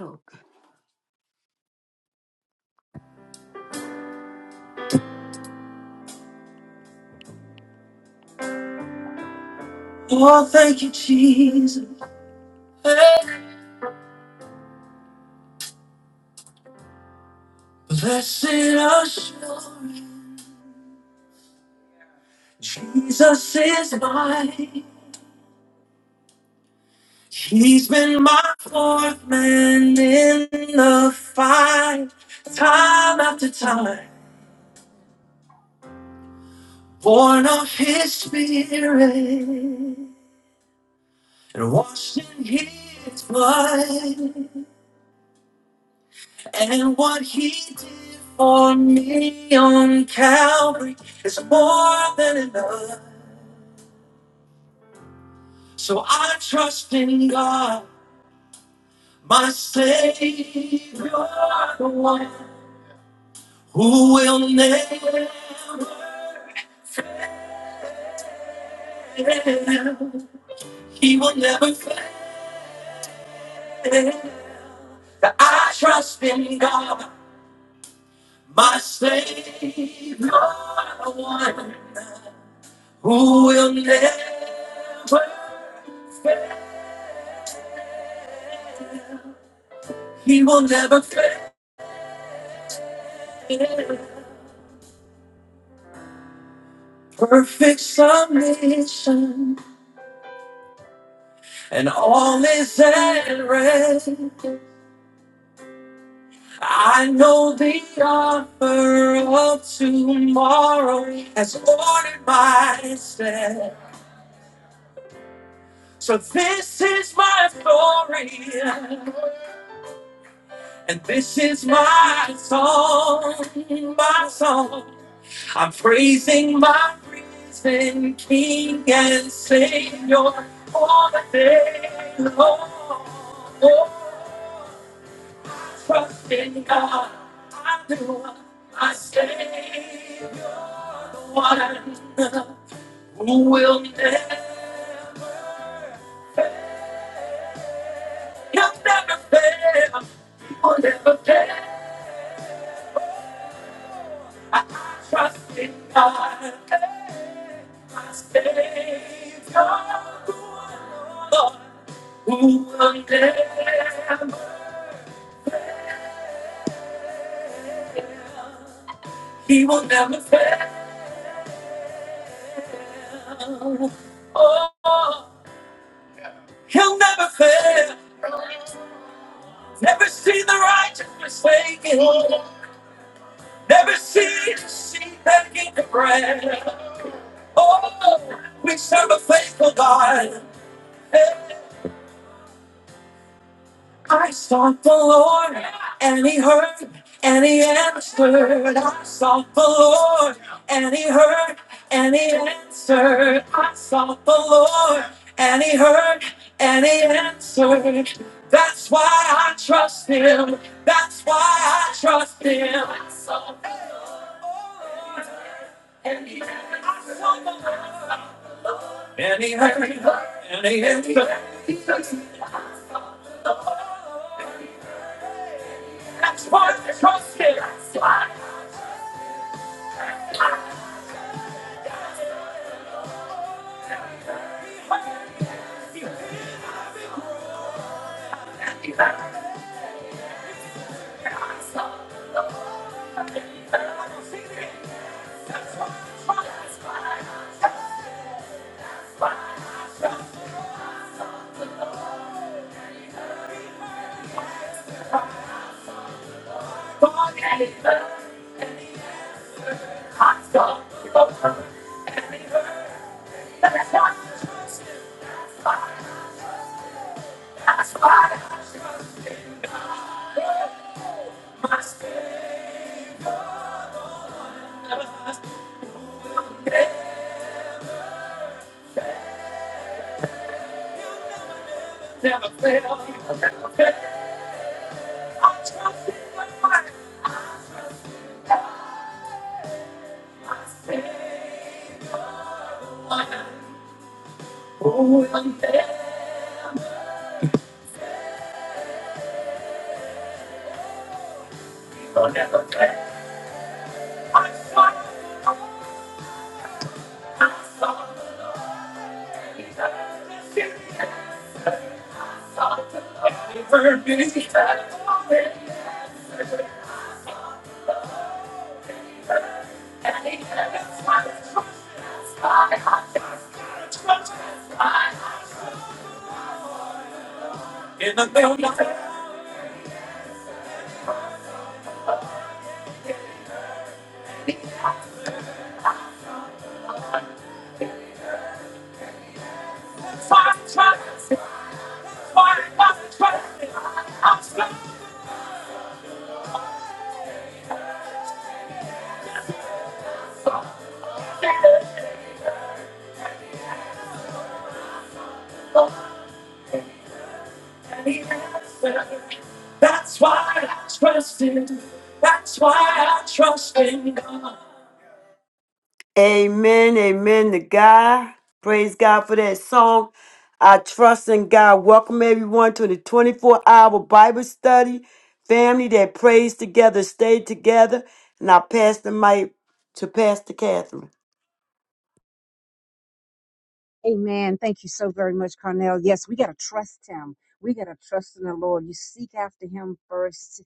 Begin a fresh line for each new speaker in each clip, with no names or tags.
Oh, thank you, Jesus. Blessed assurance, Jesus is mine. He's been my fourth man in the fight, time after time. Born of His Spirit and washed in His blood, and what He did for me on Calvary is more than enough. So I trust in God, my Savior, the one who will never, he will never fail. That I trust in God, my Savior, the one who will never fail. He will never fail. Perfect submission, and all is at rest. I know the offer of tomorrow has ordered my step. So this is my story, and this is my song, my song. I'm praising my risen King and Savior all the day long. Trust in God, I do. My Savior, the one who will never, he'll never fail. He will never fail. I trust in God, my Savior, the one who will never, fail. he will never fail. Oh, he'll never fail. Never see the righteous forsaken. Never see the sheep begging for bread. Oh, we serve a faithful God. Hey. I sought the Lord, and He heard, and He answered. I sought the Lord, and He heard, and He answered. I sought the Lord, and He heard, and He answered. That's why I trust Him. That's why I trust Him. I sought the Lord, and He heard. I sought the Lord, and He heard, and He answered. I sought the Lord, I Never fail. That's why I trust in. That's why I trust in God. Amen, amen to God. Praise God for that song. I trust in God. Welcome everyone to the 24 hour Bible study. Family that prays together, stay together. And I pass the mic to Pastor Catherine.
Amen. Thank you so very much, Carnell. Yes, we got to trust him. We got to trust in the Lord. You seek after him first,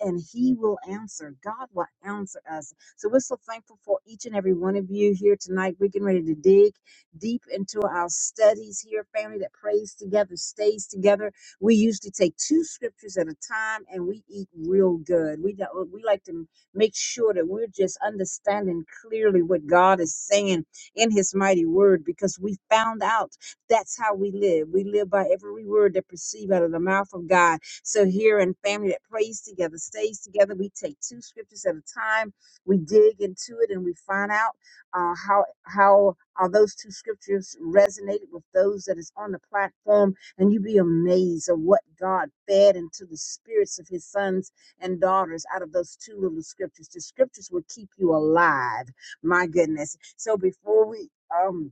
and he will answer. God will answer us. So we're so thankful for each and every one of you here tonight. We're getting ready to dig deep into our studies here, family that prays together, stays together. We usually take two scriptures at a time, and we eat real good. We, don't- we like to make sure that we're just understanding clearly what God is saying in his mighty word because we found out that's how we live. We live by every word that proceeds out of the mouth of God. So here in family that prays together, stays together, we take two scriptures at a time. We dig into it and we find out uh, how how are those two scriptures resonated with those that is on the platform, and you be amazed of what God fed into the spirits of His sons and daughters out of those two little scriptures. The scriptures will keep you alive. My goodness. So before we um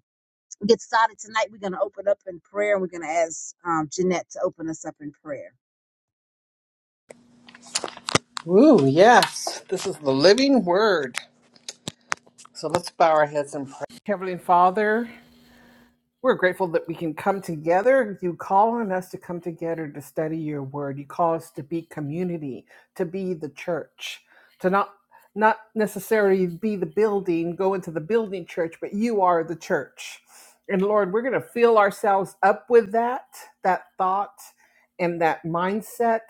get started tonight, we're gonna open up in prayer and we're gonna ask um Jeanette to open us up in prayer.
Woo, yes. This is the living word. So let's bow our heads and pray. Heavenly Father, we're grateful that we can come together. You call on us to come together to study your word. You call us to be community, to be the church, to not not necessarily be the building, go into the building church, but you are the church. And Lord, we're going to fill ourselves up with that, that thought and that mindset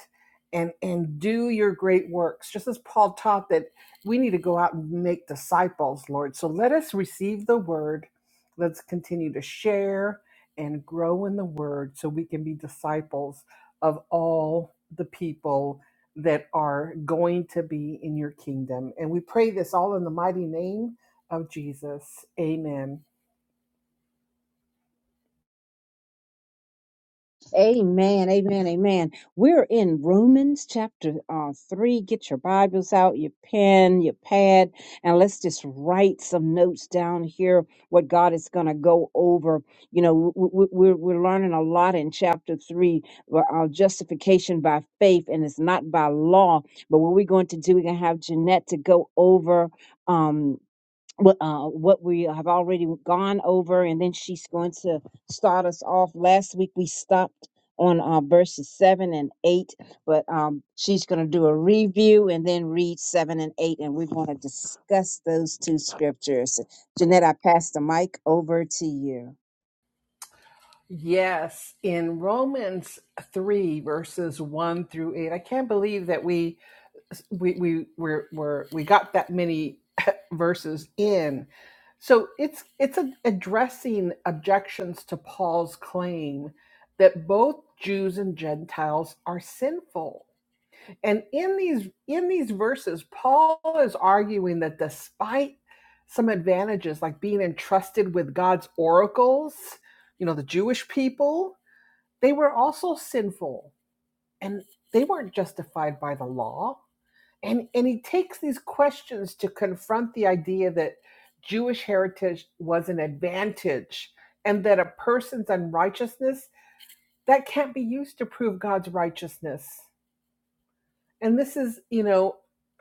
and and do your great works. Just as Paul taught that we need to go out and make disciples, Lord. So let us receive the word Let's continue to share and grow in the word so we can be disciples of all the people that are going to be in your kingdom. And we pray this all in the mighty name of Jesus. Amen.
Amen, amen, amen. We're in Romans chapter uh, 3. Get your Bibles out, your pen, your pad, and let's just write some notes down here what God is going to go over. You know, we, we, we're, we're learning a lot in chapter 3 where our justification by faith, and it's not by law. But what we're going to do, we're going to have Jeanette to go over. Um, what uh, what we have already gone over, and then she's going to start us off. Last week we stopped on uh, verses seven and eight, but um, she's going to do a review and then read seven and eight, and we're going to discuss those two scriptures. Jeanette, I pass the mic over to you.
Yes, in Romans 3, verses 1 through 8. I can't believe that we we we we're, we're we got that many verses in so it's it's a, addressing objections to paul's claim that both jews and gentiles are sinful and in these in these verses paul is arguing that despite some advantages like being entrusted with god's oracles you know the jewish people they were also sinful and they weren't justified by the law and and he takes these questions to confront the idea that Jewish heritage was an advantage and that a person's unrighteousness that can't be used to prove God's righteousness. And this is, you know,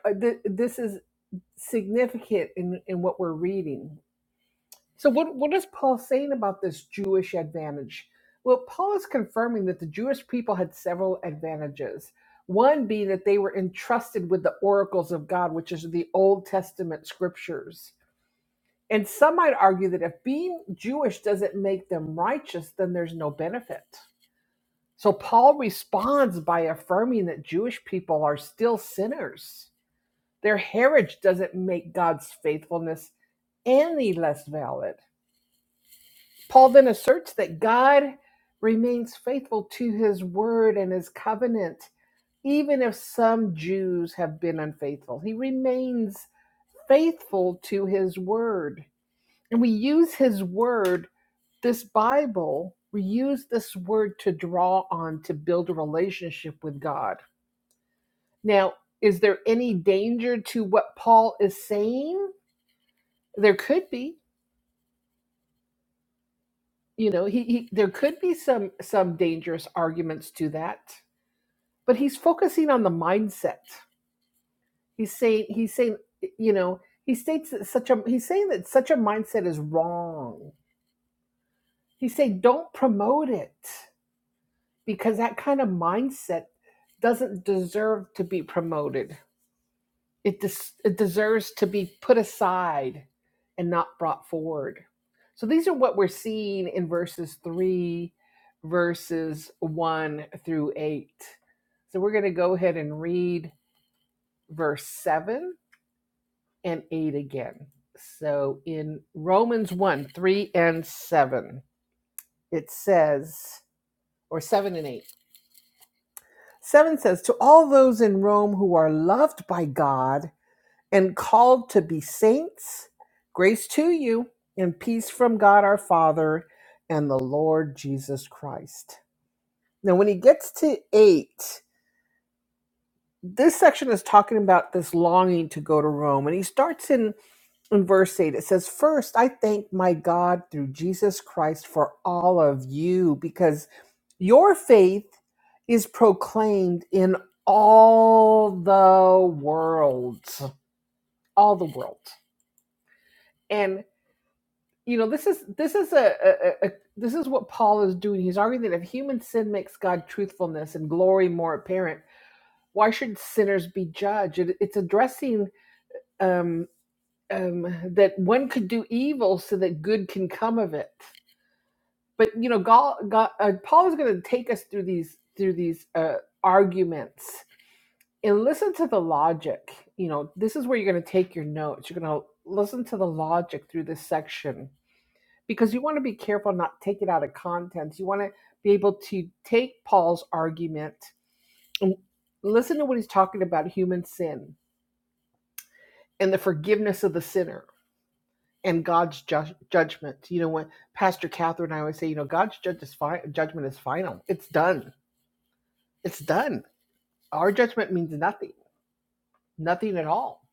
uh, th- this is significant in in what we're reading so what what is Paul saying about this Jewish advantage? Well, Paul is confirming that the Jewish people had several advantages. One being that they were entrusted with the oracles of God, which is the Old Testament scriptures. And some might argue that if being Jewish doesn't make them righteous, then there's no benefit. So Paul responds by affirming that Jewish people are still sinners. Their heritage doesn't make God's faithfulness any less valid. Paul then asserts that God remains faithful to his word and his covenant, even if some Jews have been unfaithful. He remains faithful to his word. And we use his word, this Bible, we use this word to draw on to build a relationship with God. Now, is there any danger to what Paul is saying? There could be. You know, he, he there could be some some dangerous arguments to that but he's focusing on the mindset. He's saying he's saying you know he states that such a he's saying that such a mindset is wrong. He's saying don't promote it because that kind of mindset doesn't deserve to be promoted. It des- it deserves to be put aside and not brought forward. So these are what we're seeing in verses three, verses one through eight. So we're going to go ahead and read verse 7 and 8 again. So in Romans 1 3 and 7, it says, or 7 and 8, 7 says, To all those in Rome who are loved by God and called to be saints, grace to you and peace from God our Father and the Lord Jesus Christ. Now, when he gets to 8, this section is talking about this longing to go to Rome, and he starts in in verse 8 it says first i thank my god through jesus christ for all of you because your faith is proclaimed in all the world all the world and you know this is this is a, a, a this is what paul is doing he's arguing that if human sin makes god truthfulness and glory more apparent why should sinners be judged it, it's addressing um um, that one could do evil so that good can come of it. but you know Gal, Gal, uh, paul is going to take us through these through these uh, arguments and listen to the logic you know this is where you're going to take your notes you're going to listen to the logic through this section because you want to be careful not to take it out of context you want to be able to take paul's argument and listen to what he's talking about human sin and the forgiveness of the sinner and god's ju- judgment you know when pastor catherine and i always say you know god's judge is fi- judgment is final it's done It's done. Our judgment means nothing, nothing at all.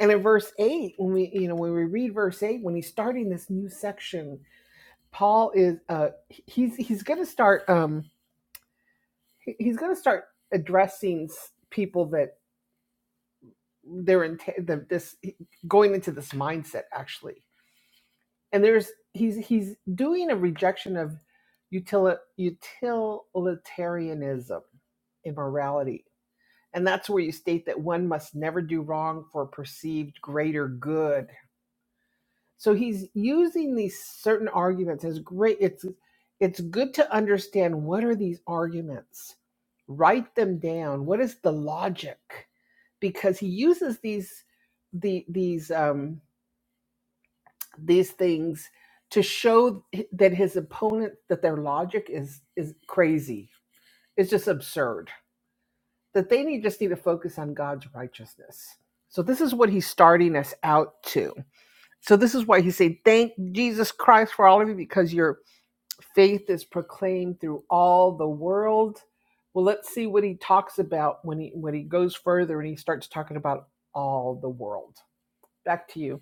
And in verse eight, when we you know when we read verse eight, when he's starting this new section, Paul is uh he's he's going to start um he's going to start addressing people that they're in the, this going into this mindset actually. And there's he's he's doing a rejection of utili- utilitarianism in morality And that's where you state that one must never do wrong for perceived greater good. So he's using these certain arguments as great it's it's good to understand what are these arguments. Write them down. What is the logic? Because he uses these the these um these things to show that his opponent that their logic is is crazy. It's just absurd that they need just need to focus on God's righteousness. So this is what he's starting us out to. So this is why he's saying, Thank Jesus Christ for all of you, because your faith is proclaimed through all the world. Well, let's see what he talks about when he when he goes further and he starts talking about all the world. Back to you.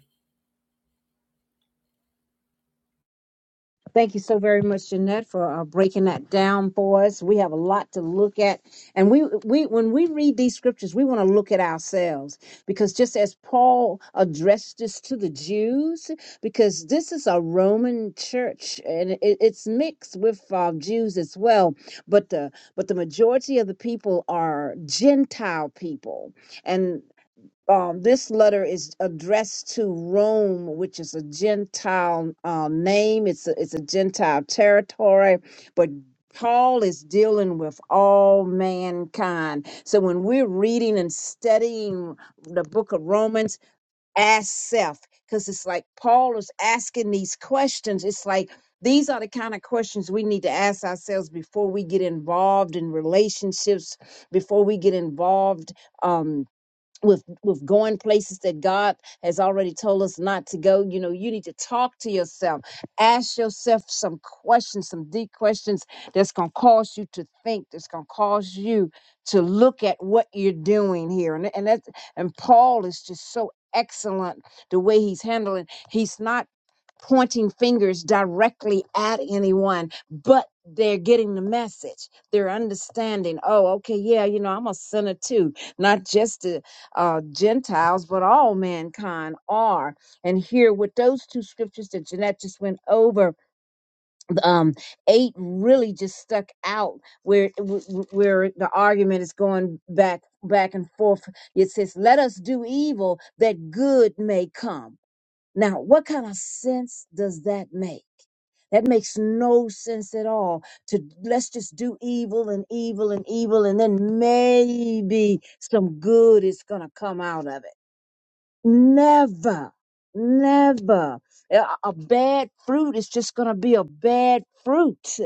Thank you so very much, Jeanette, for uh, breaking that down for us. We have a lot to look at, and we we when we read these scriptures, we want to look at ourselves because just as Paul addressed this to the Jews, because this is a Roman church and it, it's mixed with uh, Jews as well, but the but the majority of the people are Gentile people, um, this letter is addressed to Rome, which is a Gentile um, name. It's a, it's a Gentile territory, but Paul is dealing with all mankind. So when we're reading and studying the book of Romans, ask self, because it's like Paul is asking these questions. It's like these are the kind of questions we need to ask ourselves before we get involved in relationships, before we get involved. Um, with with going places that God has already told us not to go. You know, you need to talk to yourself, ask yourself some questions, some deep questions that's gonna cause you to think, that's gonna cause you to look at what you're doing here. And and that and Paul is just so excellent the way he's handling. He's not pointing fingers directly at anyone, but they're getting the message. They're understanding, oh, okay, yeah, you know, I'm a sinner too not just to uh, Gentiles, but all mankind are. And here with those two scriptures that Jeanette just went over, um, eight really just stuck out where where the argument is going back back and forth. It says, "Let us do evil that good may come." Now, what kind of sense does that make? That makes no sense at all. To let's just do evil and evil and evil, and then maybe some good is gonna come out of it Never, never. A a bad fruit is just going to be a bad fruit.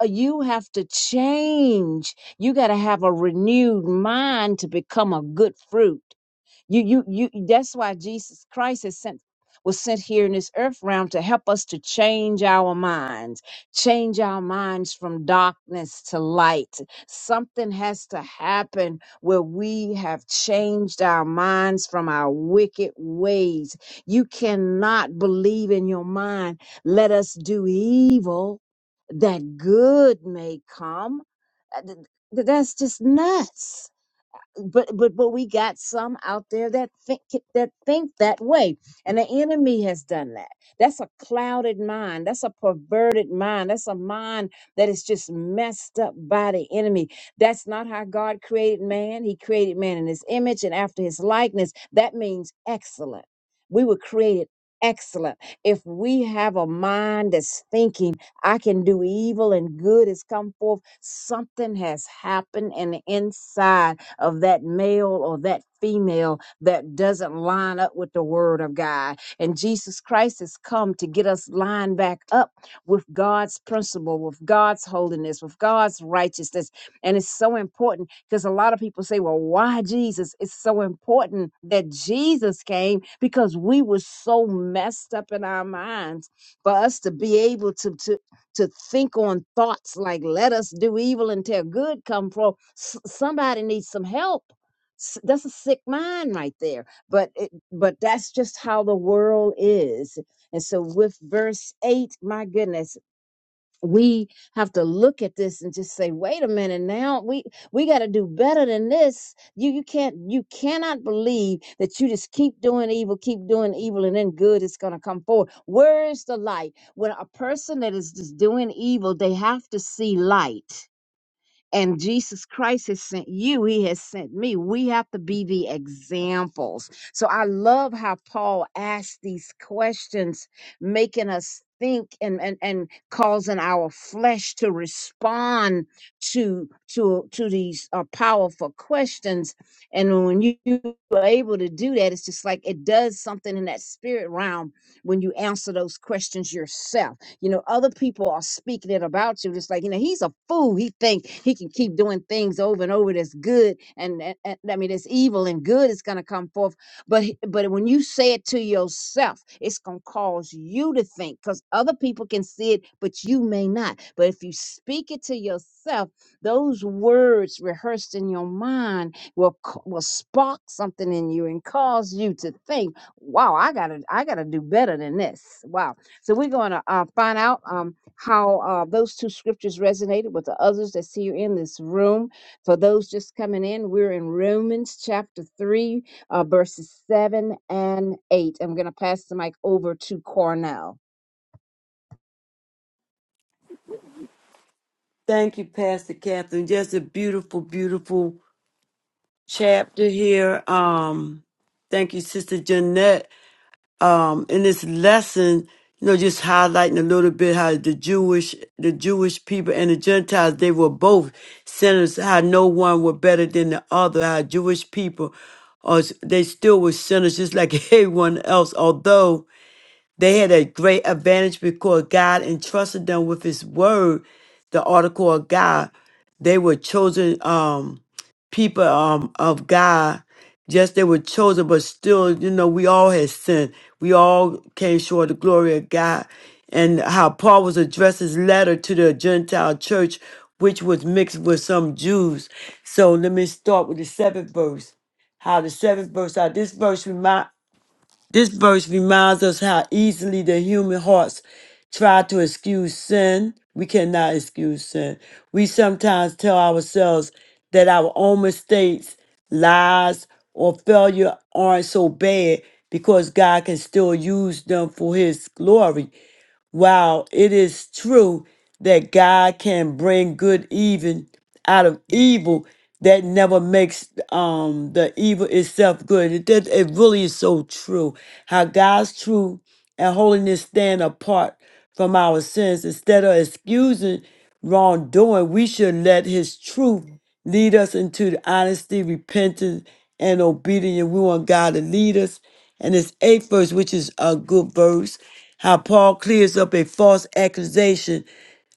Uh, You have to change. You got to have a renewed mind to become a good fruit. You, you, you. That's why Jesus Christ is sent was sent here in this earth realm to help us to change our minds, change our minds from darkness to light. Something has to happen where we have changed our minds from our wicked ways. You cannot believe in your mind, let us do evil that good may come. Uh, th- th- That's just nuts but but but we got some out there that think that think that way and the enemy has done that that's a clouded mind that's a perverted mind that's a mind that is just messed up by the enemy that's not how god created man he created man in his image and after his likeness that means excellent we were created excellent if we have a mind that's thinking i can do evil and good has come forth something has happened in the inside of that male or that female that doesn't line up with the word of God. And Jesus Christ has come to get us lined back up with God's principle, with God's holiness, with God's righteousness. And it's so important because a lot of people say, well, why Jesus? It's so important that Jesus came because we were so messed up in our minds for us to be able to, to to think on thoughts like let us do evil until good come from somebody needs some help S- that's a sick mind right there but it, but that's just how the world is and so with verse 8 my goodness we have to look at this and just say wait a minute now we we got to do better than this you you can't you cannot believe that you just keep doing evil keep doing evil and then good is going to come forward where is the light when a person that is just doing evil they have to see light and Jesus Christ has sent you, He has sent me. We have to be the examples. So I love how Paul asked these questions, making us think and, and and causing our flesh to respond to to to these uh, powerful questions and when you are able to do that it's just like it does something in that spirit realm when you answer those questions yourself you know, other people are speaking it about you. It's like, you know, he's a fool. He think he can keep doing things over and over that's good and, and, and I mean it's evil and good is gonna come forth. But he- but when you say it to yourself, it's gonna cause you to think because other people can see it, but you may not. But if you speak it to yourself, those words rehearsed in your mind will c- will spark something in you and cause you to think, "Wow, I gotta I gotta do better than this." Wow. So we're going to uh, find out um, how uh, those two scriptures resonated with the others that see you in this room. For those just coming in, we're in Romans chapter 3, uh, verses 7 and 8. I'm going to pass the mic over to Cornell.
Thank you, Pastor Catherine. Just a beautiful, beautiful chapter here. Um, thank you, Sister Jeanette. um, in this lesson, you know, just highlighting a little bit how the Jewish, the Jewish people and the Gentiles, they were both sinners. How no one were better than the other. How Jewish people, uh, they still were sinners, just like everyone else. Although they had a great advantage because God entrusted them with His Word, the article of God. They were chosen um, people um, of God. Yes, they were chosen, but still, you know, we all had sinned. We all came short of the glory of God. And how Paul was addressed his letter to the Gentile church, which was mixed with some Jews. So let me start with the seventh verse. How the seventh verse, how this verse reminds. This verse reminds us how easily the human hearts try to excuse sin. We cannot excuse sin. We sometimes tell ourselves that our own mistakes, lies, or failure aren't so bad because God can still use them for his glory. Wow, it is true that God can bring good even out of evil that never makes um the evil itself good. It, that- it really is so true. How God's truth and holiness stand apart from our sins. Instead of excusing wrongdoing, we should let His truth lead us into the honesty, repentance, and obedience. We want God to lead us. And this eighth verse, which is a good verse, how Paul clears up a false accusation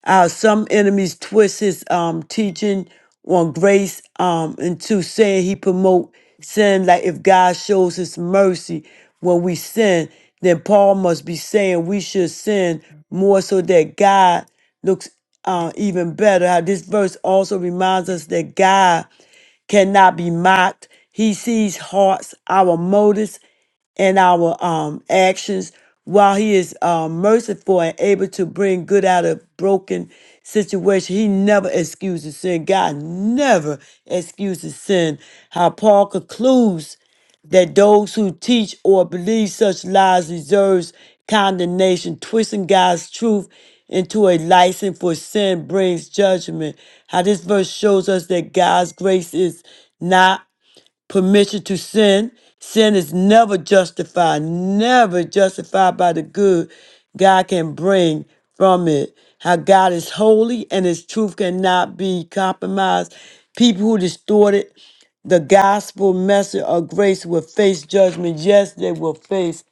uh, some enemies twist his um, teaching on grace um, into saying he promote sin. Like if God shows his mercy when we sin, then Paul must be saying we should sin more so that God looks uh, even better. How this verse also reminds us that God cannot be mocked. He sees hearts, our motives and our um, actions while he is uh, merciful and able to bring good out of broken situation he never excuses sin god never excuses sin how paul concludes that those who teach or believe such lies deserves condemnation twisting god's truth into a license for sin brings judgment how this verse shows us that god's grace is not permission to sin. Sin is never justified, never justified by the good God can bring from it. How God is holy and his truth cannot be compromised. People who distorted the gospel message of grace will face judgment. Yes, they will face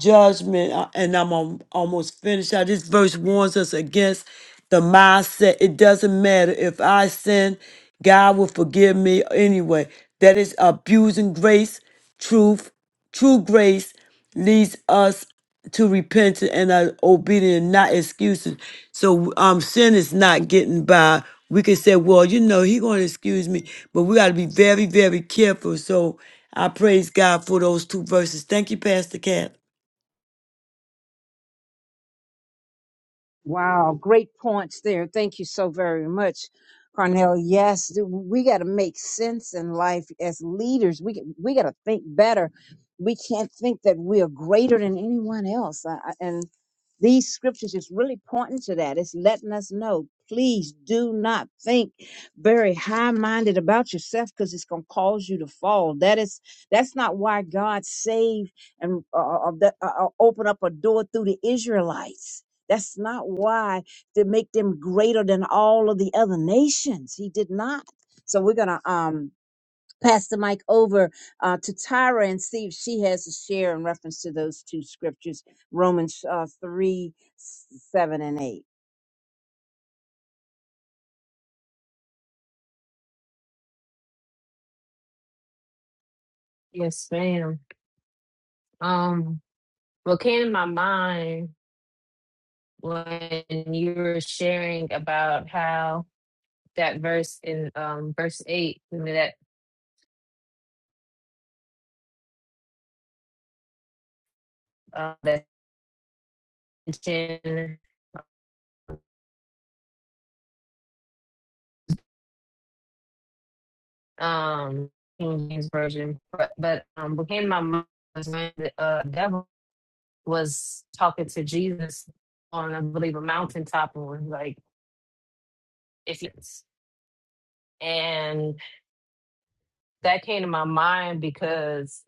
judgment, uh, and I'm al- almost finished. Out this verse warns us against the mindset. It doesn't matter if I sin, God will forgive me anyway. That is abusing grace, truth, true grace leads us to repentance and are obedient, not excuses. So um, sin is not getting by. We can say, well, you know, he going to excuse me, but we got to be very, very careful. So I praise God for those two verses. Thank you, Pastor Cat.
Wow, great points there. Thank you so very much, Carnell. Yes, th- we got to make sense in life as leaders. We g- we got to think better. We can't think that we are greater than anyone else. I, I- and these scriptures is really pointing to that. It's letting us know, please do not think very high-minded about yourself because it's going to cause you to fall. That is that's not why God saved and uh, uh, uh, that- uh, uh, opened up a door through the Israelites that's not why to make them greater than all of the other nations. He did not. So we're gonna um pass the mic over uh, to Tyra and see if she has a share in reference to those two scriptures, Romans uh, three, s- seven, and eight.
Yes, ma'am. Um, what came to my mind when you were sharing about how that verse in um verse eight, I mean, that uh, that mention um King James version, but, but um, what came to my mind was when the uh, devil was talking to Jesus on, I believe, a mountaintop, and was like, "If you," and that came to my mind because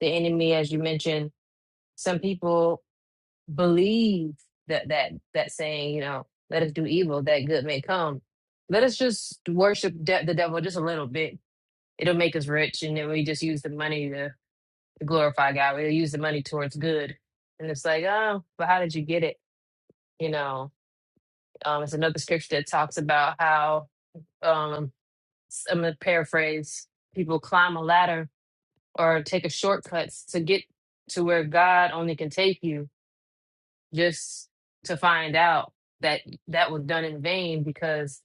the enemy, as you mentioned, some people believe that that that saying, you know, let us do evil that good may come. Let us just worship de- the devil just a little bit. It'll make us rich, and then we just use the money to, glorify God. We'll use the money towards good, and it's like, oh, but how did you get it? You know, um, it's another scripture that talks about how um, s- I'm gonna paraphrase: people climb a ladder or take a shortcuts to get to where God only can take you just to find out that that was done in vain because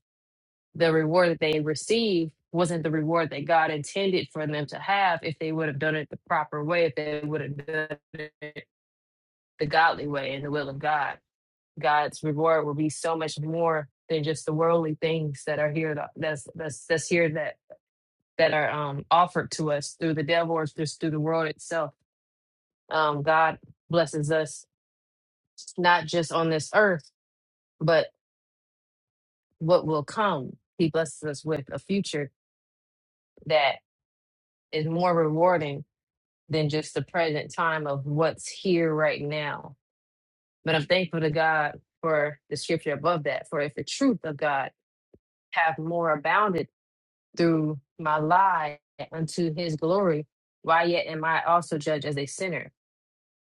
the reward that they received wasn't the reward that God intended for them to have if they would have done it the proper way, if they would have done it the godly way and the will of God. God's reward will be so much more than just the worldly things that are here that- that's that's that's here that that are um offered to us through the devil or just through the world itself. Um God blesses us not just on this earth what will come. He blesses us with a future that is more rewarding than just the present time of what's here right now. But I'm thankful to God for the scripture above that, for if the truth of God have more abounded through my lie unto his glory, why yet am I also judged as a sinner?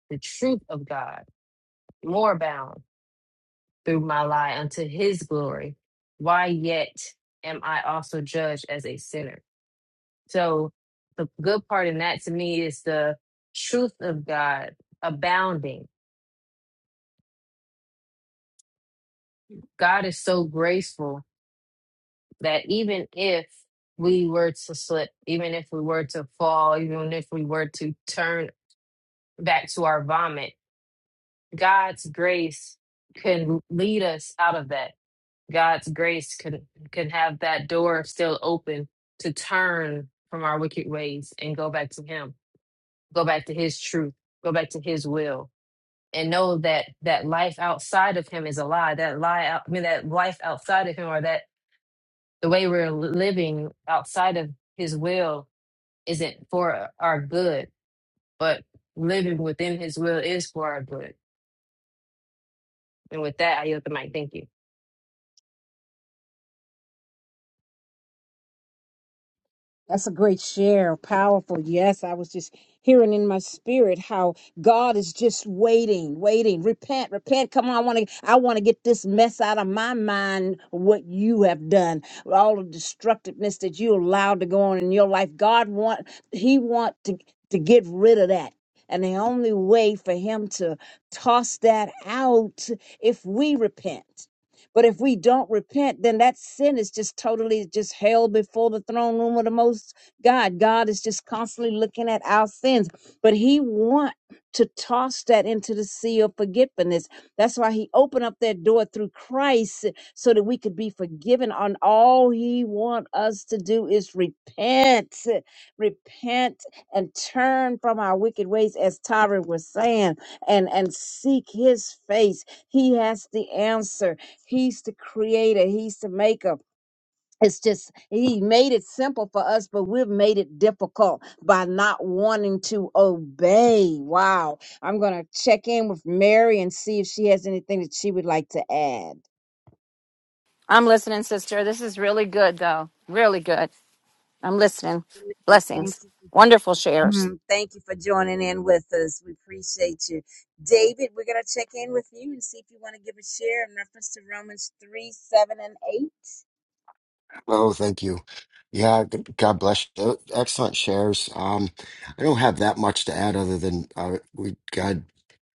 The truth of God more abound through my lie unto his glory, why yet am I also judged as a sinner? So the good part in that to me is the truth of God abounding. God is so graceful that even if we were to slip, even if we were to fall, even if we were to turn back to our vomit, God's grace can lead us out of that. God's grace can can have that door still open to turn from our wicked ways and go back to him, go back to his truth, go back to his will and know that that life outside of him is a lie that lie out, i mean that life outside of him or that the way we're living outside of his will isn't for our good but living within his will is for our good and with that i yield the mic thank you
That's a great share. Powerful. Yes, I was just hearing in my spirit how God is just waiting, waiting. Repent, repent. Come on, I want to I want to get this mess out of my mind what you have done. All the destructiveness that you allowed to go on in your life. God want he want to to get rid of that. And the only way for him to toss that out if we repent. But if we don't repent, then that sin is just totally just held before the throne room of the Most God. God is just constantly looking at our sins, but He want to toss that into the sea of forgetfulness. That's why He opened up that door through Christ so that we could be forgiven. On all He want us to do is repent, repent, and turn from our wicked ways, as Tyra was saying, and and seek His face. He has the answer He's the creator, he's the maker. It's just he made it simple for us, but we've made it difficult by not wanting to obey. Wow. I'm gonna check in with Mary and see if she has anything that she would like to add.
I'm listening, sister. This is really good, though. Really good. I'm listening.
Thank
Blessings.
you.
Wonderful shares.
Mhm. Thank you for joining in with us. We appreciate you. David, we're going to check in with you and see if you want to give a share in reference to Romans 3 7 and 8.
Oh, thank you. Yeah, g- God bless you. Excellent shares. Um, I don't have that much to add other than uh, we God,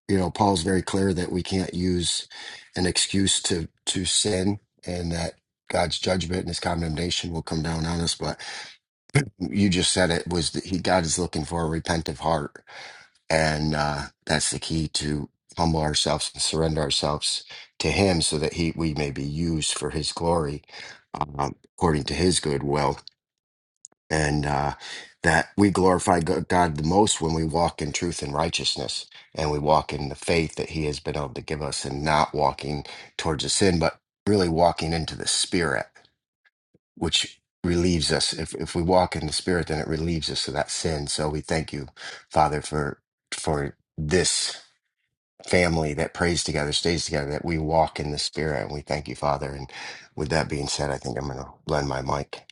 you know, Paul's very clear that we can't use an excuse to to sin and that God's judgment and his condemnation will come down on us. But you just said it was that he God is looking for a repentant heart. And uh, that's the key to humble ourselves and surrender ourselves to him so that he we may be used for his glory um, according to his good will and uh, that we glorify Go- God the most when we walk in truth and righteousness, and we walk in the faith that He has been able to give us, and not walking towards the sin, but really walking into the Spirit, which relieves us. If if we walk in the Spirit, then it relieves us of that sin. So we thank you, Father, for for this family that prays together, stays together, that we walk in the Spirit, and we thank you, Father. And with that being said, I think I'm going to blend my mic.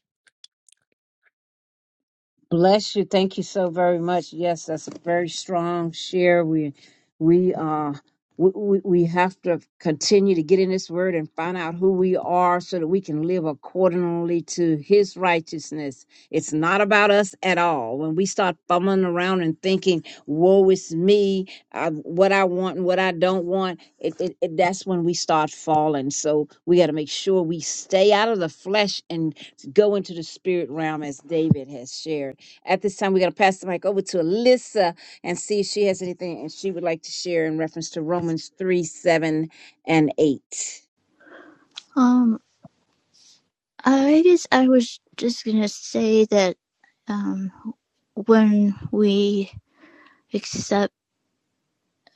Bless you. Thank you so very much. Yes, that's a very strong share. We we uh we, we we have to continue to get in this word and find out who we are so that we can live accordingly to his righteousness. It's not about us at all. When we start fumbling around and thinking, woe is me, uh, what I want and what I don't want, it, it, it, that's when we start falling. So we got to make sure we stay out of the flesh and go into the spirit realm as David has shared. At this time, we're going to pass the mic over to Alyssa and see if she has anything and she would like to share in reference to Romans 3 7 and 8.
Um, I just I was just gonna say that um, when we accept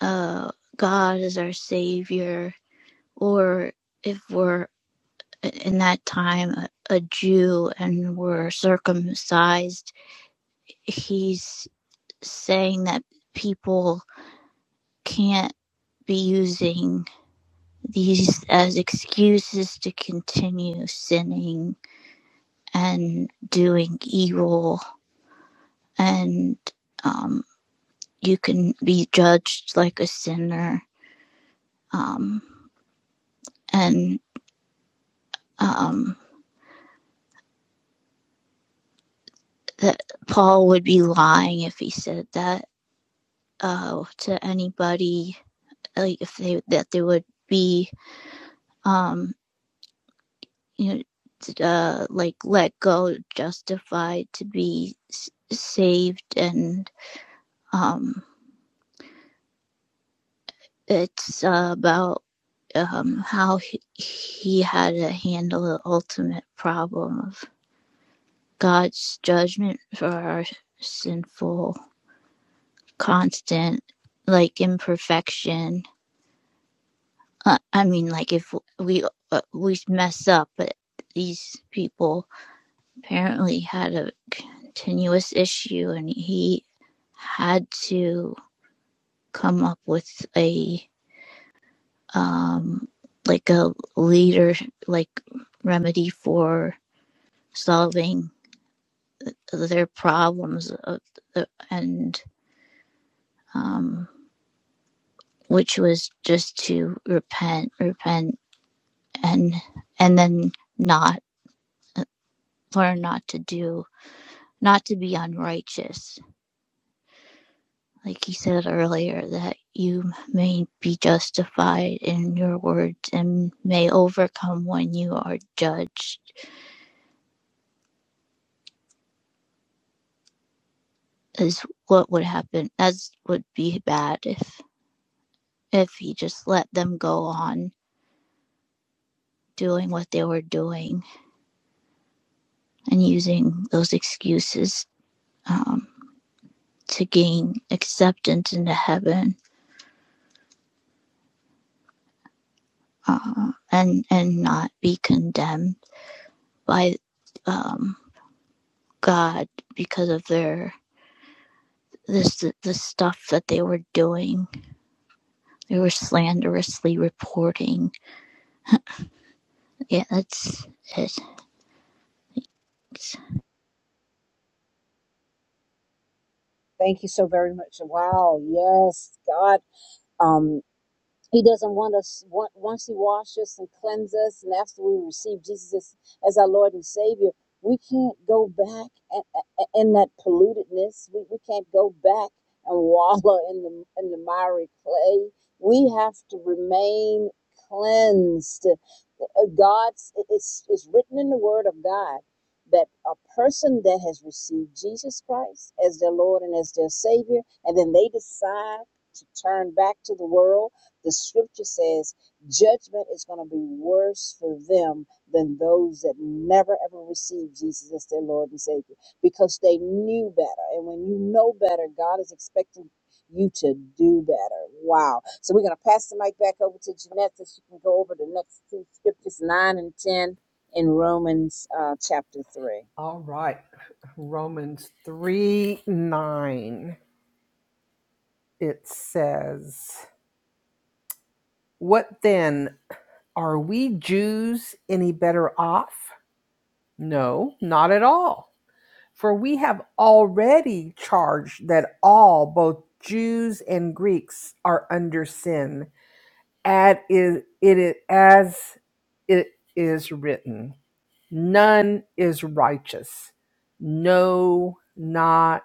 uh, God as our Savior, or if we're in that time a, a Jew and we're circumcised, He's saying that people can't be using these as excuses to continue sinning and doing evil and um, you can be judged like a sinner. Um, and um, that Paul would be lying if he said that uh, to anybody, like if they that they would be, um, you know, uh, like let go, justified to be s- saved, and um, it's uh, about um, how he, he had to handle the ultimate problem of God's judgment for our sinful, constant, like imperfection. Uh, I mean, like if we uh, we mess up, but these people apparently had a continuous issue, and he had to come up with a um like a leader like remedy for solving their problems of the, and um which was just to repent, repent, and and then not learn not to do, not to be unrighteous. Like he said earlier, that you may be justified in your words and may overcome when you are judged. Is what would happen. That's would be bad if if he just let them go on doing what they were doing and using those excuses. um, to gain acceptance into heaven uh, and and not be condemned by um, God because of their this the stuff that they were doing. They were slanderously reporting. Yeah, that's it.
Thank you so very much. Wow. Yes, God. Um, He doesn't want us want, once He washes us and cleanses us, and after we receive Jesus as, as our Lord and Savior, we can't go back a- a- a- in that pollutedness. We, we can't go back and wallow in the in the miry clay. We have to remain cleansed. Uh, God's it- it's it's written in the Word of God that a person that has received Jesus Christ as their Lord and as their Savior, and then they decide to turn back to the world the scripture says judgment is going to be worse for them than those that never ever received Jesus as their Lord and Savior because they knew better. And when you know better, God is expecting you to do better. Wow. So we're going to pass the mic back over to Jeanette so she can go over the next two scriptures, 9 and 10 in Romans uh, chapter 3.
All right. Romans 3 9. It says, What then? Are we Jews any better off? No, not at all. For we have already charged that all, both Jews and Greeks, are under sin, as it is, as it is written. None is righteous. No, not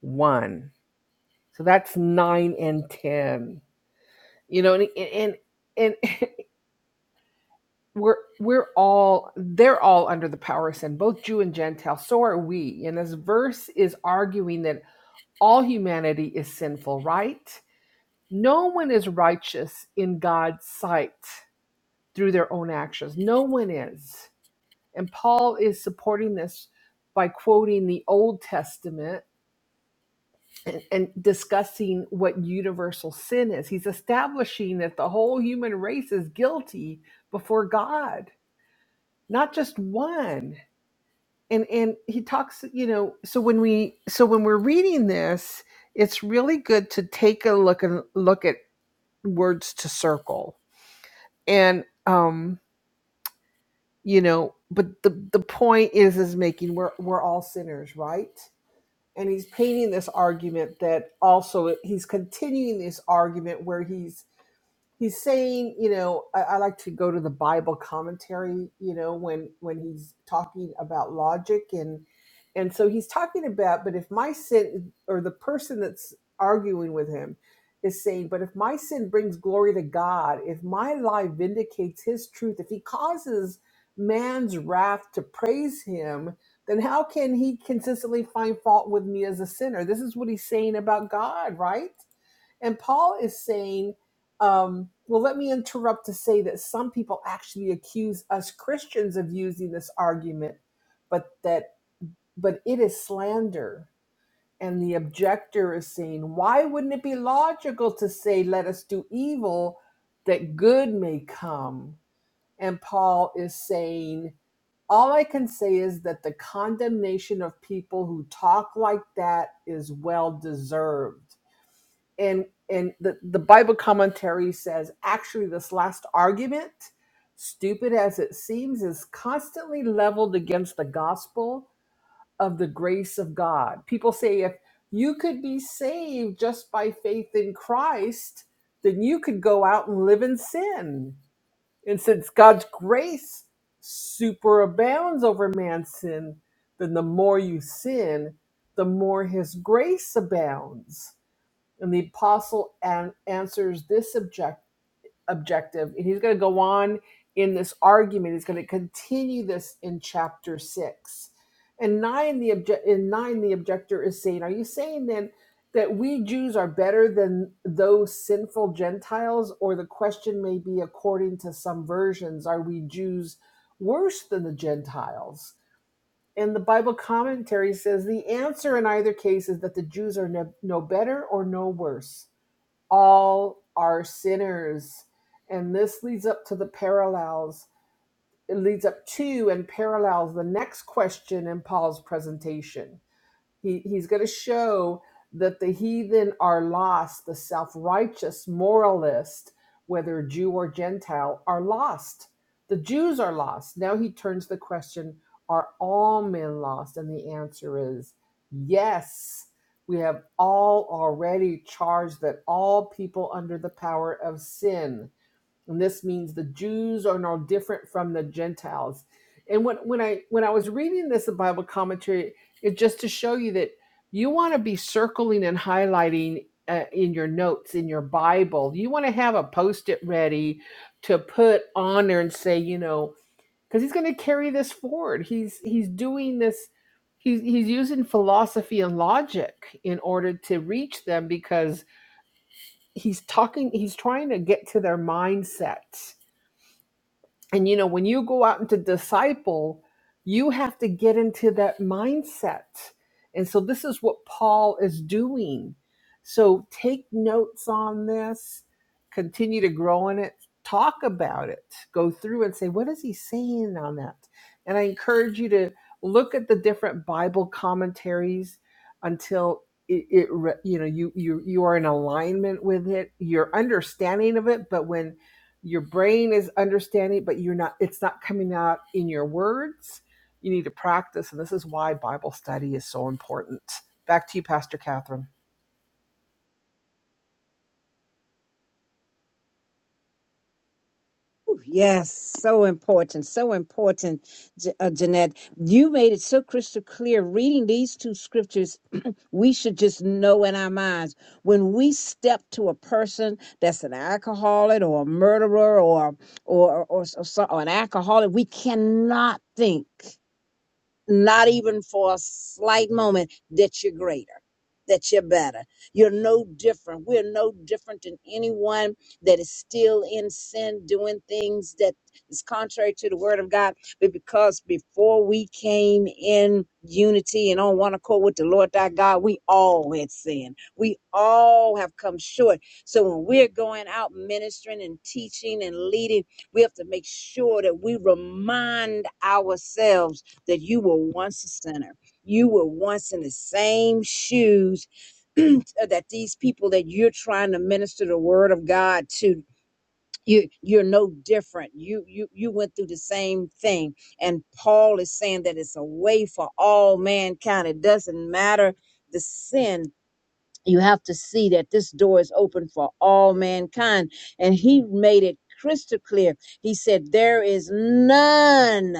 one. So that's nine and ten. You know, and and and, and we're we're all they're all under the power of sin both jew and gentile so are we and this verse is arguing that all humanity is sinful right no one is righteous in god's sight through their own actions no one is and paul is supporting this by quoting the old testament and, and discussing what universal sin is he's establishing that the whole human race is guilty before god not just one and and he talks you know so when we so when we're reading this it's really good to take a look and look at words to circle and um you know but the the point is is making we're we're all sinners right and he's painting this argument that also he's continuing this argument where he's he's saying, you know, I, I like to go to the Bible commentary, you know, when when he's talking about logic and and so he's talking about, but if my sin or the person that's arguing with him is saying, but if my sin brings glory to God, if my lie vindicates his truth, if he causes man's wrath to praise him, then how can he consistently find fault with me as a sinner? This is what he's saying about God, right? And Paul is saying, um, well, let me interrupt to say that some people actually accuse us Christians of using this argument, but that but it is slander. And the objector is saying, why wouldn't it be logical to say, let us do evil that good may come? And Paul is saying, all I can say is that the condemnation of people who talk like that is well deserved and and the, the bible commentary says actually this last argument stupid as it seems is constantly leveled against the gospel of the grace of god people say if you could be saved just by faith in christ then you could go out and live in sin and since god's grace superabounds over man's sin then the more you sin the more his grace abounds and the apostle an- answers this object- objective. And he's going to go on in this argument. He's going to continue this in chapter six. And nine, the obje- in nine, the objector is saying, Are you saying then that we Jews are better than those sinful Gentiles? Or the question may be, according to some versions, are we Jews worse than the Gentiles? And the Bible commentary says the answer in either case is that the Jews are no, no better or no worse all are sinners. And this leads up to the parallels. It leads up to and parallels the next question in Paul's presentation. He, he's going to show that the heathen are lost, the self righteous moralist, whether Jew or Gentile, are lost. The Jews are lost. Now he turns the question Are all men lost? And the answer is yes. We have all already charged that all people under the power of sin and this means the Jews are no different from the Gentiles. And when, when I when I was reading this in Bible commentary, it just to show you that you want to be circling and highlighting uh, in your notes in your Bible. You want to have a post-it ready to put on there and say, you know, because he's going to carry this forward. He's he's doing this. He's he's using philosophy and logic in order to reach them because he's talking. He's trying to get to their mindset and you know, when you go out into disciple, you have to get into that mindset. And so this is what Paul is doing. So take notes on this, continue to grow in it, talk about it, go through and say, what is he saying on that? And I encourage you to look at the different Bible commentaries until it, it re- you know you you you are in alignment with it your understanding of it but when your brain is understanding but you're not it's not coming out in your words you need to practice and this is why bible study is so important back to you pastor catherine
Ooh, Yes, so important, so important, J- uh, Jeanette. You made it so crystal clear. Reading these two scriptures, we should just know in our minds when we step to a person that's an alcoholic or a murderer or or or, or, so- or an alcoholic, we cannot think not even for a slight moment, that you're greater, that you're better. You're no different. We're no different than anyone that is still in sin, doing things that is contrary to the word of God. But because before we came in unity and on one accord with the Lord thy God, we all had sinned. We all have come short. So when we're going out ministering and teaching and leading, we have to make sure that we remind ourselves that you were once a sinner. You were once in the same shoes that these people that you're trying to minister the word of God to. You, you're no different. You, you, you went through the same thing. And Paul is saying that it's a way for all mankind. It doesn't matter the sin. You have to see that this door is open for all mankind. And he made it crystal clear. He said, There is none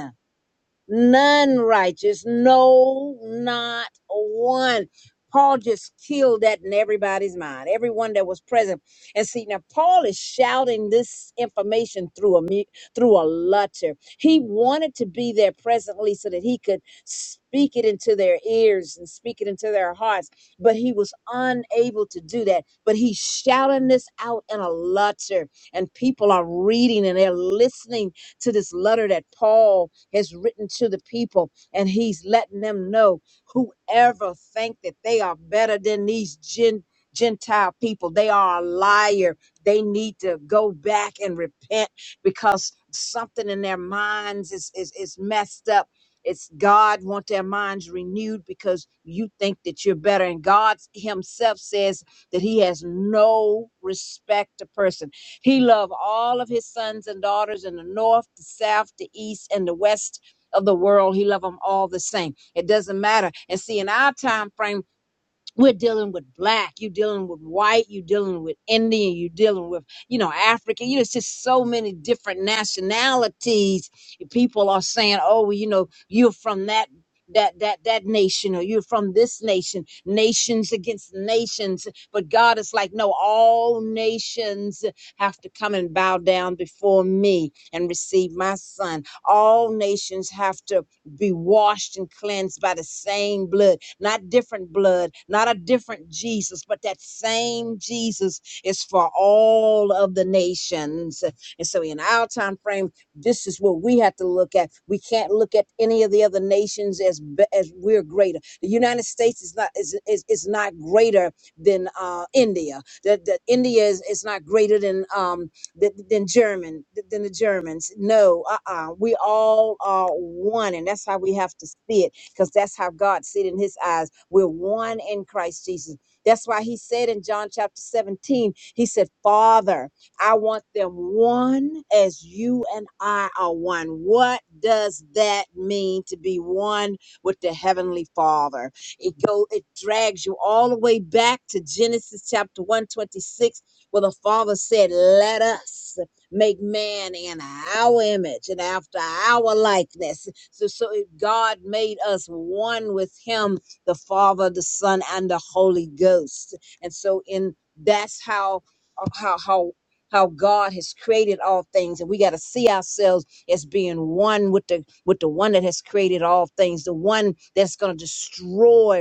none righteous, no, not one. Paul just killed that in everybody's mind, everyone that was present. And see, now Paul is shouting this information through a mu- through a letter. He wanted to be there presently so that he could speak it into their ears and speak it into their hearts, but he was unable to do that. But he's shouting this out in a letter, and people are reading and they're listening to this letter that Paul has written to the people, and he's letting them know whoever think that they are better than these Gen- Gentile people, they are a liar. They need to go back and repent because something in their minds is is, is messed up. It's God want their minds renewed because you think that you're better. And God Himself says that He has no respect to person. He loved all of his sons and daughters in the north, the south, the east, and the west of the world. He loved them all the same. It doesn't matter. And see, in our time frame, we're dealing with black, you're dealing with white, you're dealing with Indian, you're dealing with, you know, African. You know, it's just so many different nationalities. People are saying, oh, well, you know, you're from that that that that nation or you're from this nation nations against nations but god is like no all nations have to come and bow down before me and receive my son all nations have to be washed and cleansed by the same blood, not different blood, not a different Jesus, but that same Jesus is for all of the nations. And so in our time frame, this is what we have to look at. We can't look at any of the other nations as be- as we're greater. The United States is not is is, is not greater than uh, India. That that India is, is not greater than um, than, than German than the Germans. No, uh-uh. We all are one, and that's how we have to see it, because that's how God see it in His eyes. We're one in Christ Jesus. That's why He said in John chapter 17, He said, "Father, I want them one as you and I are one." What does that mean to be one with the heavenly Father? It go it drags you all the way back to Genesis chapter 126 well, the Father said, Let us make man in our image and after our likeness. So, so if God made us one with Him, the Father, the Son, and the Holy Ghost. And so, in that's how, uh, how, how. How God has created all things, and we got to see ourselves as being one with the with the one that has created all things, the one that's going to destroy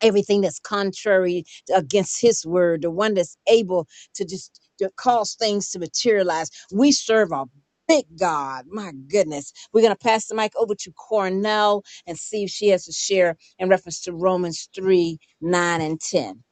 everything that's contrary against his word, the one that's able to just to cause things to materialize. We serve a big God. My goodness. We're going to pass the mic over to Cornell and see if she has to share in reference to Romans 3 9 and 10.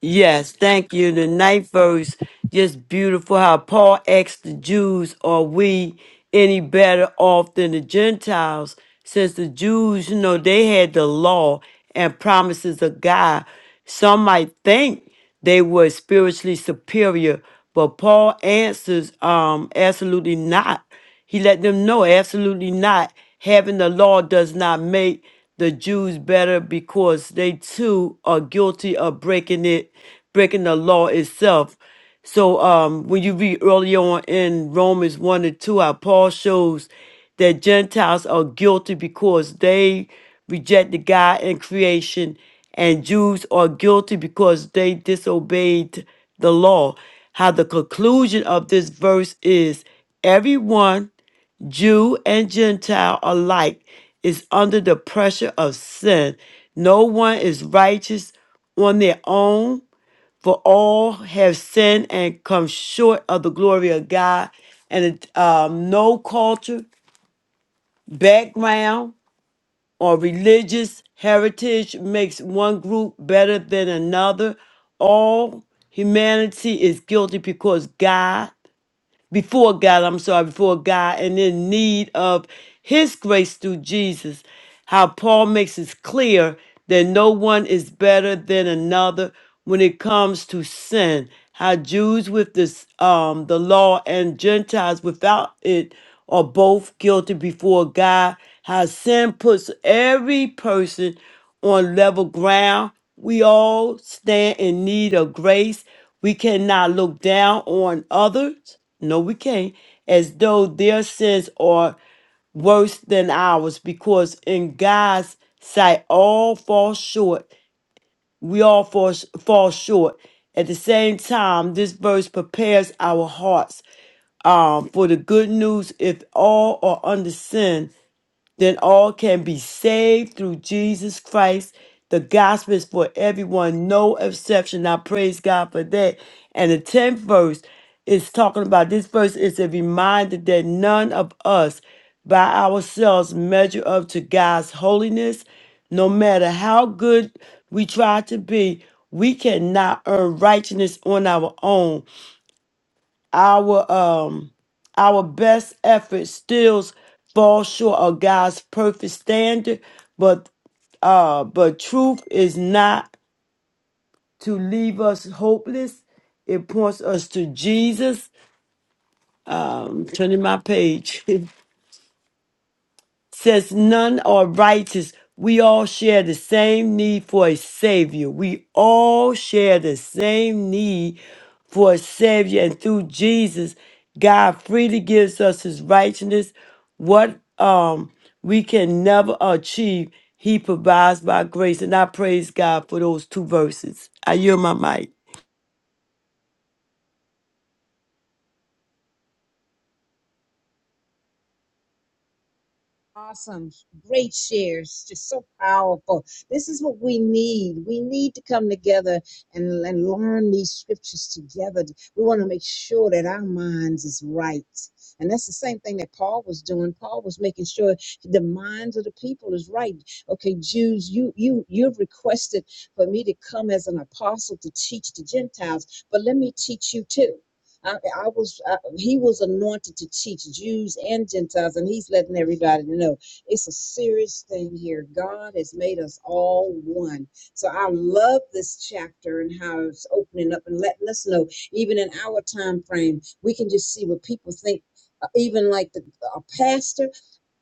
Yes, thank you. The ninth verse, just beautiful how Paul asked the Jews, Are we any better off than the Gentiles? Since the Jews, you know, they had the law and promises of God. Some might think they were spiritually superior, but Paul answers um absolutely not. He let them know absolutely not. Having the law does not make the Jews better because they too are guilty of breaking it, breaking the law itself. So um, when you read earlier on in Romans 1 and 2, how Paul shows that Gentiles are guilty because they rejected God and creation, and Jews are guilty because they disobeyed the law. How the conclusion of this verse is everyone, Jew and Gentile alike, is under the pressure of sin. No one is righteous on their own for all have sinned and come short of the glory of God, and um, no culture, background, or religious heritage makes one group better than another. All humanity is guilty because God before God, I'm sorry, before God, and in need of His grace through Jesus. How Paul makes it clear that no one is better than another when it comes to sin. How Jews with this, um, the law and Gentiles without it are both guilty before God. How sin puts every person on level ground. We all stand in need of grace. We cannot look down on others. No, we can't. As though their sins are worse than ours, because in God's sight, all fall short. We all fall, fall short. At the same time, this verse prepares our hearts um, for the good news. If all are under sin, then all can be saved through Jesus Christ. The gospel is for everyone, no exception. I praise God for that. And the 10th verse is talking about this verse is a reminder that none of us by ourselves measure up to God's holiness. No matter how good we try to be, we cannot earn righteousness on our own our um our best efforts still fall short of God's perfect standard, but uh but truth is not to leave us hopeless. It points us to Jesus. Um turning my page. says none are righteous. We all share the same need for a savior. We all share the same need for a savior. And through Jesus, God freely gives us his righteousness. What um we can never achieve, he provides by grace. And I praise God for those two verses. I yield my mic.
Awesome. Great shares. Just so powerful. This is what we need. We need to come together and, and learn these scriptures together. We want to make sure that our minds is right. And that's the same thing that Paul was doing. Paul was making sure the minds of the people is right. Okay, Jews, you you you've requested for me to come as an apostle to teach the Gentiles, but let me teach you too. I, I was I, he was anointed to teach Jews and Gentiles, and he's letting everybody know it's a serious thing here. God has made us all one. So I love this chapter and how it's opening up and letting us know, even in our time frame, we can just see what people think. uh, Even like the, a pastor,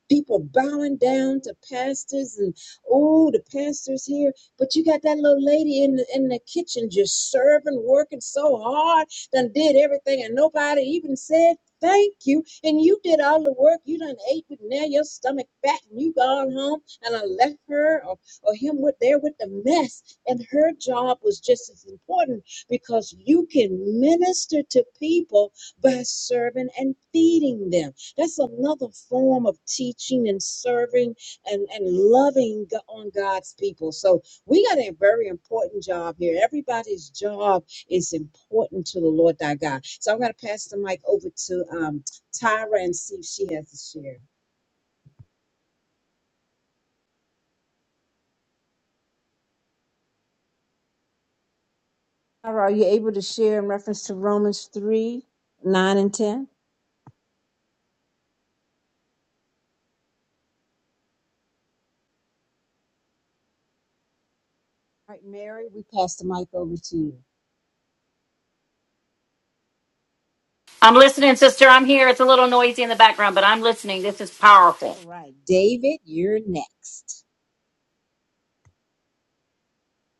people bowing down to pastors and oh the pastors here but you got that little lady in the in the kitchen just serving working so hard done did everything and nobody even said thank you and you did all the work you done ate but now your stomach fat and you gone home and i left her or, or him with there with the mess and her job was just as important because you can minister to people by serving and feeding them that's another form of teaching and serving and, and loving Go- on God's people. So we got a very important job here. Everybody's job is important to the Lord thy God. So I'm going to pass the mic over to um, Tyra and see if she has a share. Tyra, are you able to share in reference to Romans 3 9 and 10? All right, Mary, we pass the mic over to you.
I'm listening, sister. I'm here. It's a little noisy in the background, but I'm listening. This is powerful.
All right, David, you're next.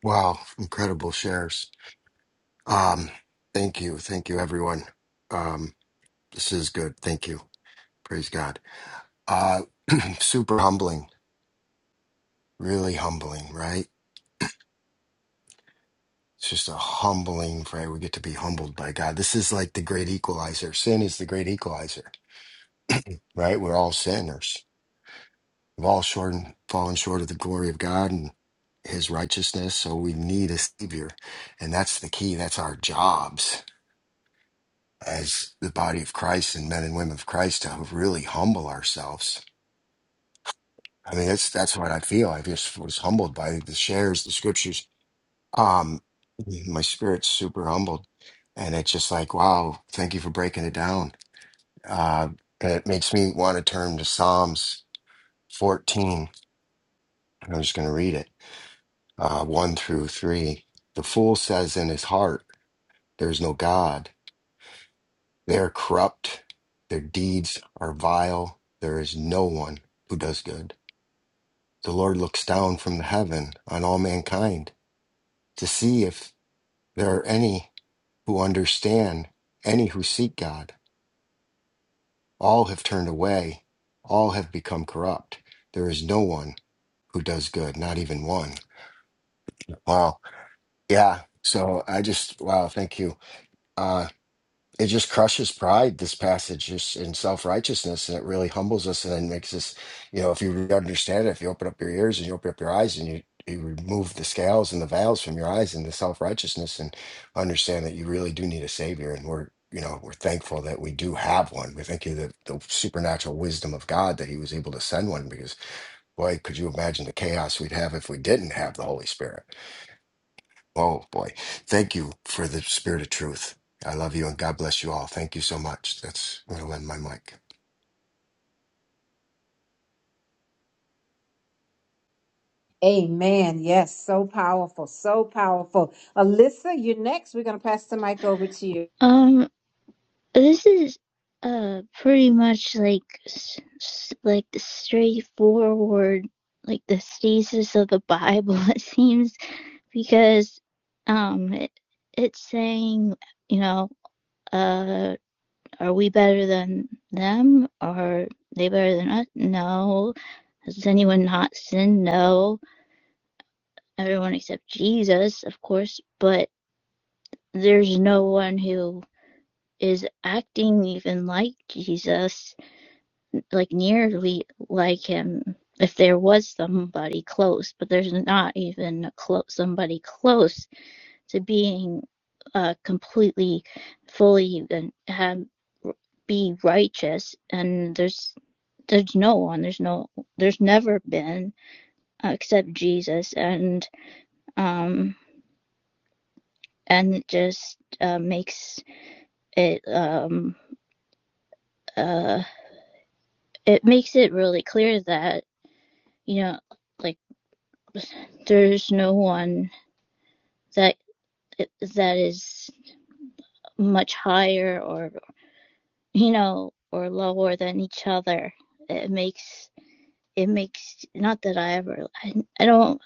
Wow, incredible shares. Um, thank you. Thank you, everyone. Um, this is good. Thank you. Praise God. Uh, super humbling, really humbling, right? It's just a humbling, right? We get to be humbled by God. This is like the great equalizer. Sin is the great equalizer, right? We're all sinners. We've all short fallen short of the glory of God and his righteousness. So we need a savior. And that's the key. That's our jobs as the body of Christ and men and women of Christ to really humble ourselves I mean, that's that's what I feel. I just was humbled by the shares, the scriptures. Um, my spirit's super humbled, and it's just like, wow, thank you for breaking it down. Uh, and it makes me want to turn to Psalms 14. and I'm just going to read it, uh, one through three. The fool says in his heart, "There is no God. They are corrupt. Their deeds are vile. There is no one who does good." The Lord looks down from the heaven on all mankind to see if There are any who understand, any who seek God. All have turned away, all have become corrupt. There is no one who does good, not even one. Wow. Yeah. So I just, wow, thank you. Uh, it just crushes pride this passage just in self-righteousness and it really humbles us and then makes us you know if you really understand it if you open up your ears and you open up your eyes and you you remove the scales and the veils from your eyes and the self-righteousness and understand that you really do need a savior and we're you know we're thankful that we do have one we thank you that the supernatural wisdom of god that he was able to send one because boy could you imagine the chaos we'd have if we didn't have the holy spirit Oh boy. Thank you for the spirit of truth. I love you and God bless you all. Thank you so much. That's going to lend my mic.
Amen. Yes, so powerful, so powerful. Alyssa, you're next. We're going to pass the mic over to you.
Um, this is uh pretty much like like the straightforward like the thesis of the Bible. It seems because um it, it's saying you know uh are we better than them or they better than us no has anyone not sinned no everyone except jesus of course but there's no one who is acting even like jesus like nearly like him if there was somebody close but there's not even a close somebody close to being uh, completely, fully, and um, be righteous. And there's there's no one. There's no. There's never been uh, except Jesus. And um and it just uh, makes it um uh it makes it really clear that you know like there's no one that that is much higher or you know or lower than each other it makes it makes not that I ever I, I don't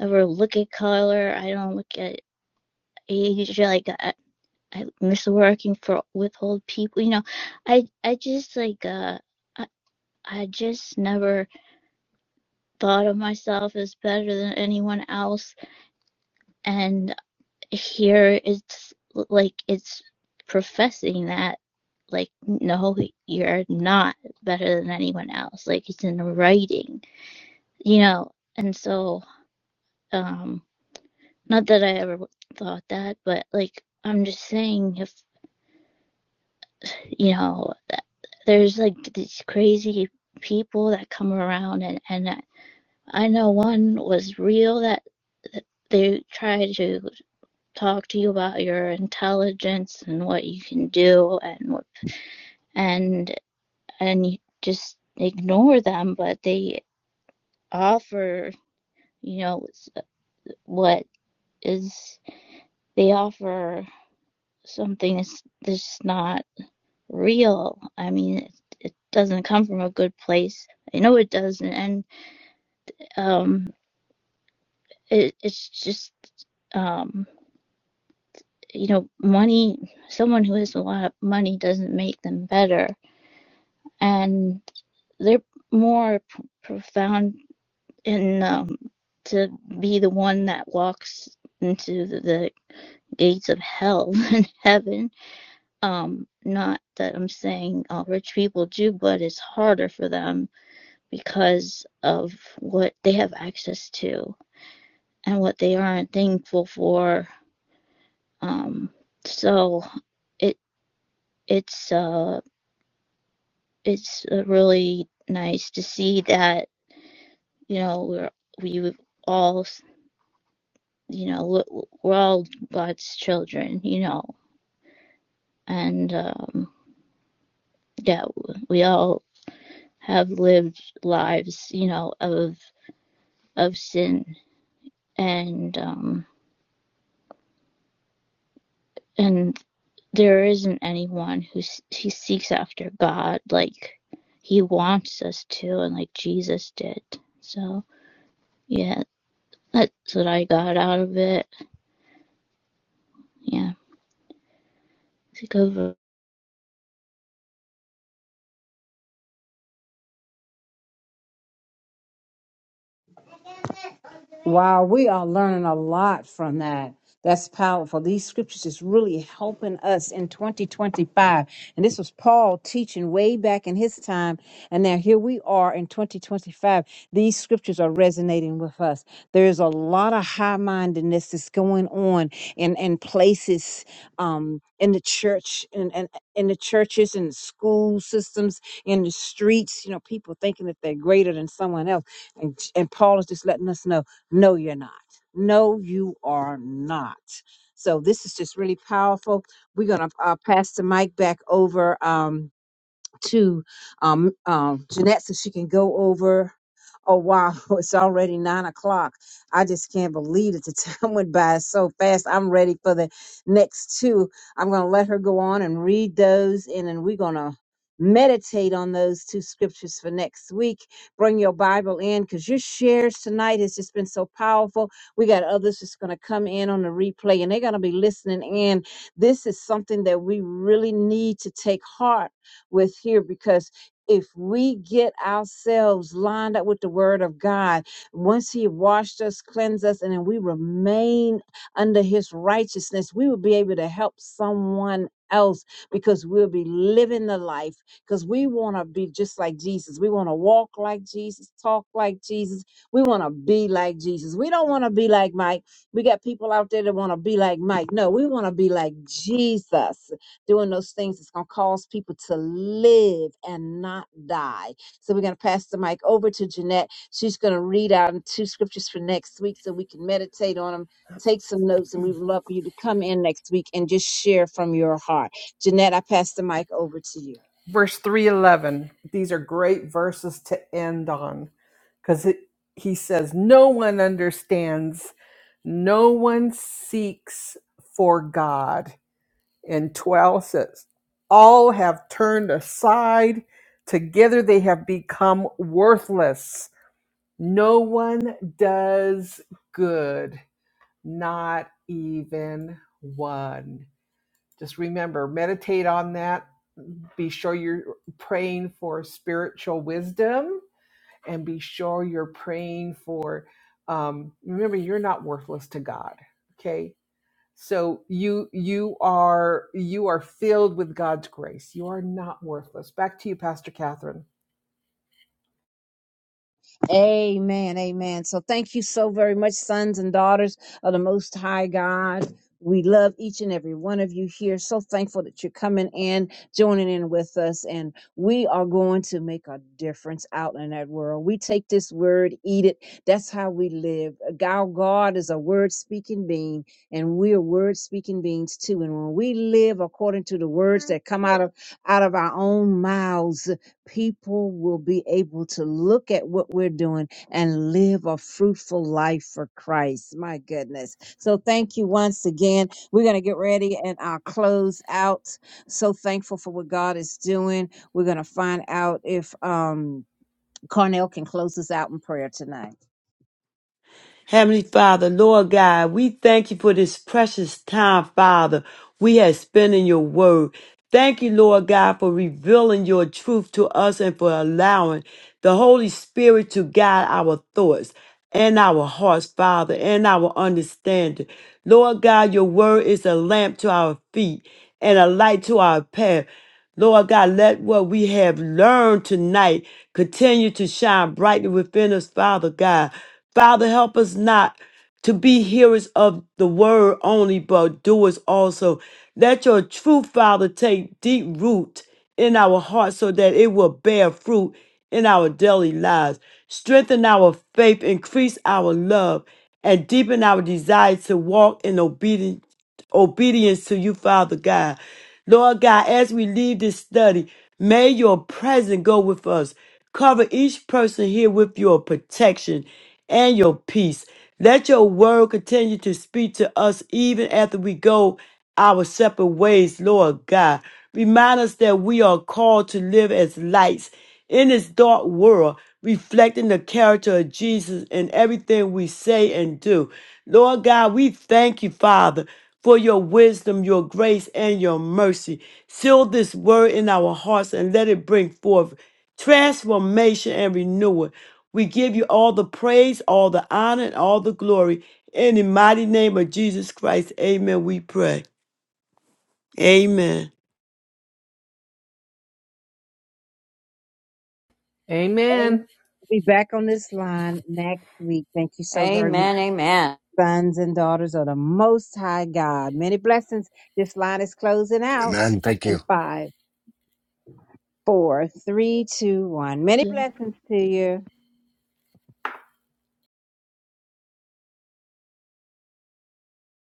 ever look at color. I don't look at age. Like I, I miss working for with old people. You know, I I just like uh I, I just never thought of myself as better than anyone else. And here it's like it's professing that like no you're not better than anyone else like it's in writing you know and so um. Not that I ever thought that, but like I'm just saying, if you know, there's like these crazy people that come around, and and I know one was real that, that they try to talk to you about your intelligence and what you can do, and and and you just ignore them, but they offer, you know, what is they offer something that's that's not. real. I mean, it, it doesn't come from a good place. I know it doesn't, and um, it, it's just um, you know, money. Someone who has a lot of money doesn't make them better, and they're more p- profound in um, to be the one that walks into the, the gates of hell than heaven. Um, not that I'm saying all rich people do, but it's harder for them because of what they have access to and what they aren't thankful for. Um, so it it's uh it's uh, really nice to see that you know we're we all you know we're all God's children, you know, and um, yeah, we all have lived lives you know of of sin and um, and there isn't anyone who he seeks after God like he wants us to, and like Jesus did. So yeah, that's what I got out of it. Yeah, take over.
Wow, we are learning a lot from that. That's powerful. These scriptures is really helping us in 2025. And this was Paul teaching way back in his time. And now here we are in 2025. These scriptures are resonating with us. There's a lot of high mindedness that's going on in, in places um, in the church, in, in, in the churches, in the school systems, in the streets. You know, people thinking that they're greater than someone else. And, and Paul is just letting us know no, you're not. No, you are not. So this is just really powerful. We're going to uh, pass the mic back over. Um, to um, um, Jeanette so she can go over. Oh wow, it's already nine o'clock. I just can't believe that the time went by so fast. I'm ready for the next two. I'm gonna let her go on and read those, and then we're gonna meditate on those two scriptures for next week. Bring your Bible in because your shares tonight has just been so powerful. We got others that's gonna come in on the replay and they're gonna be listening in. This is something that we really need to take heart with here because if we get ourselves lined up with the word of God, once he washed us, cleansed us, and then we remain under his righteousness, we will be able to help someone else because we'll be living the life because we want to be just like Jesus. We want to walk like Jesus, talk like Jesus. We want to be like Jesus. We don't want to be like Mike. We got people out there that want to be like Mike. No, we want to be like Jesus doing those things that's going to cause people to live and not die. So we're going to pass the mic over to Jeanette. She's going to read out two scriptures for next week so we can meditate on them, take some notes, and we would love for you to come in next week and just share from your heart. Jeanette, I pass the mic over to you.
verse 311 these are great verses to end on because he says no one understands no one seeks for god and 12 says all have turned aside together they have become worthless no one does good not even one just remember meditate on that be sure you're praying for spiritual wisdom and be sure you're praying for um, remember you're not worthless to god okay so you you are you are filled with god's grace you are not worthless back to you pastor catherine
Amen. Amen. So thank you so very much, sons and daughters of the Most High God. We love each and every one of you here. So thankful that you're coming in, joining in with us, and we are going to make a difference out in that world. We take this word, eat it. That's how we live. Our God is a word speaking being, and we're word speaking beings too. And when we live according to the words that come out of out of our own mouths, people will be able to look at what we're doing and live a fruitful life for Christ. My goodness. So thank you once again. We're going to get ready and I'll close out. So thankful for what God is doing. We're going to find out if um Carnell can close us out in prayer tonight.
Heavenly Father, Lord God, we thank you for this precious time, Father, we have spent in your word. Thank you, Lord God, for revealing your truth to us and for allowing the Holy Spirit to guide our thoughts and our hearts, Father, and our understanding. Lord God, your word is a lamp to our feet and a light to our path. Lord God, let what we have learned tonight continue to shine brightly within us, Father God. Father, help us not to be hearers of the word only, but doers also. Let your truth, Father, take deep root in our hearts so that it will bear fruit in our daily lives. Strengthen our faith, increase our love, and deepen our desire to walk in obedience obedience to you, Father God. Lord God, as we leave this study, may your presence go with us. Cover each person here with your protection and your peace. Let your word continue to speak to us even after we go our separate ways, Lord God. Remind us that we are called to live as lights in this dark world, reflecting the character of Jesus in everything we say and do. Lord God, we thank you, Father, for your wisdom, your grace, and your mercy. Seal this word in our hearts and let it bring forth transformation and renewal. We give you all the praise, all the honor, and all the glory. In the mighty name of Jesus Christ, amen. We pray. Amen.
Amen.
amen
Be back on this line next week. Thank you so very much.
Amen. Amen.
Sons and daughters of the Most High God. Many blessings. This line is closing out
Amen. Thank you.
in five four, three, two, one. Many
Yeah.
blessings to you.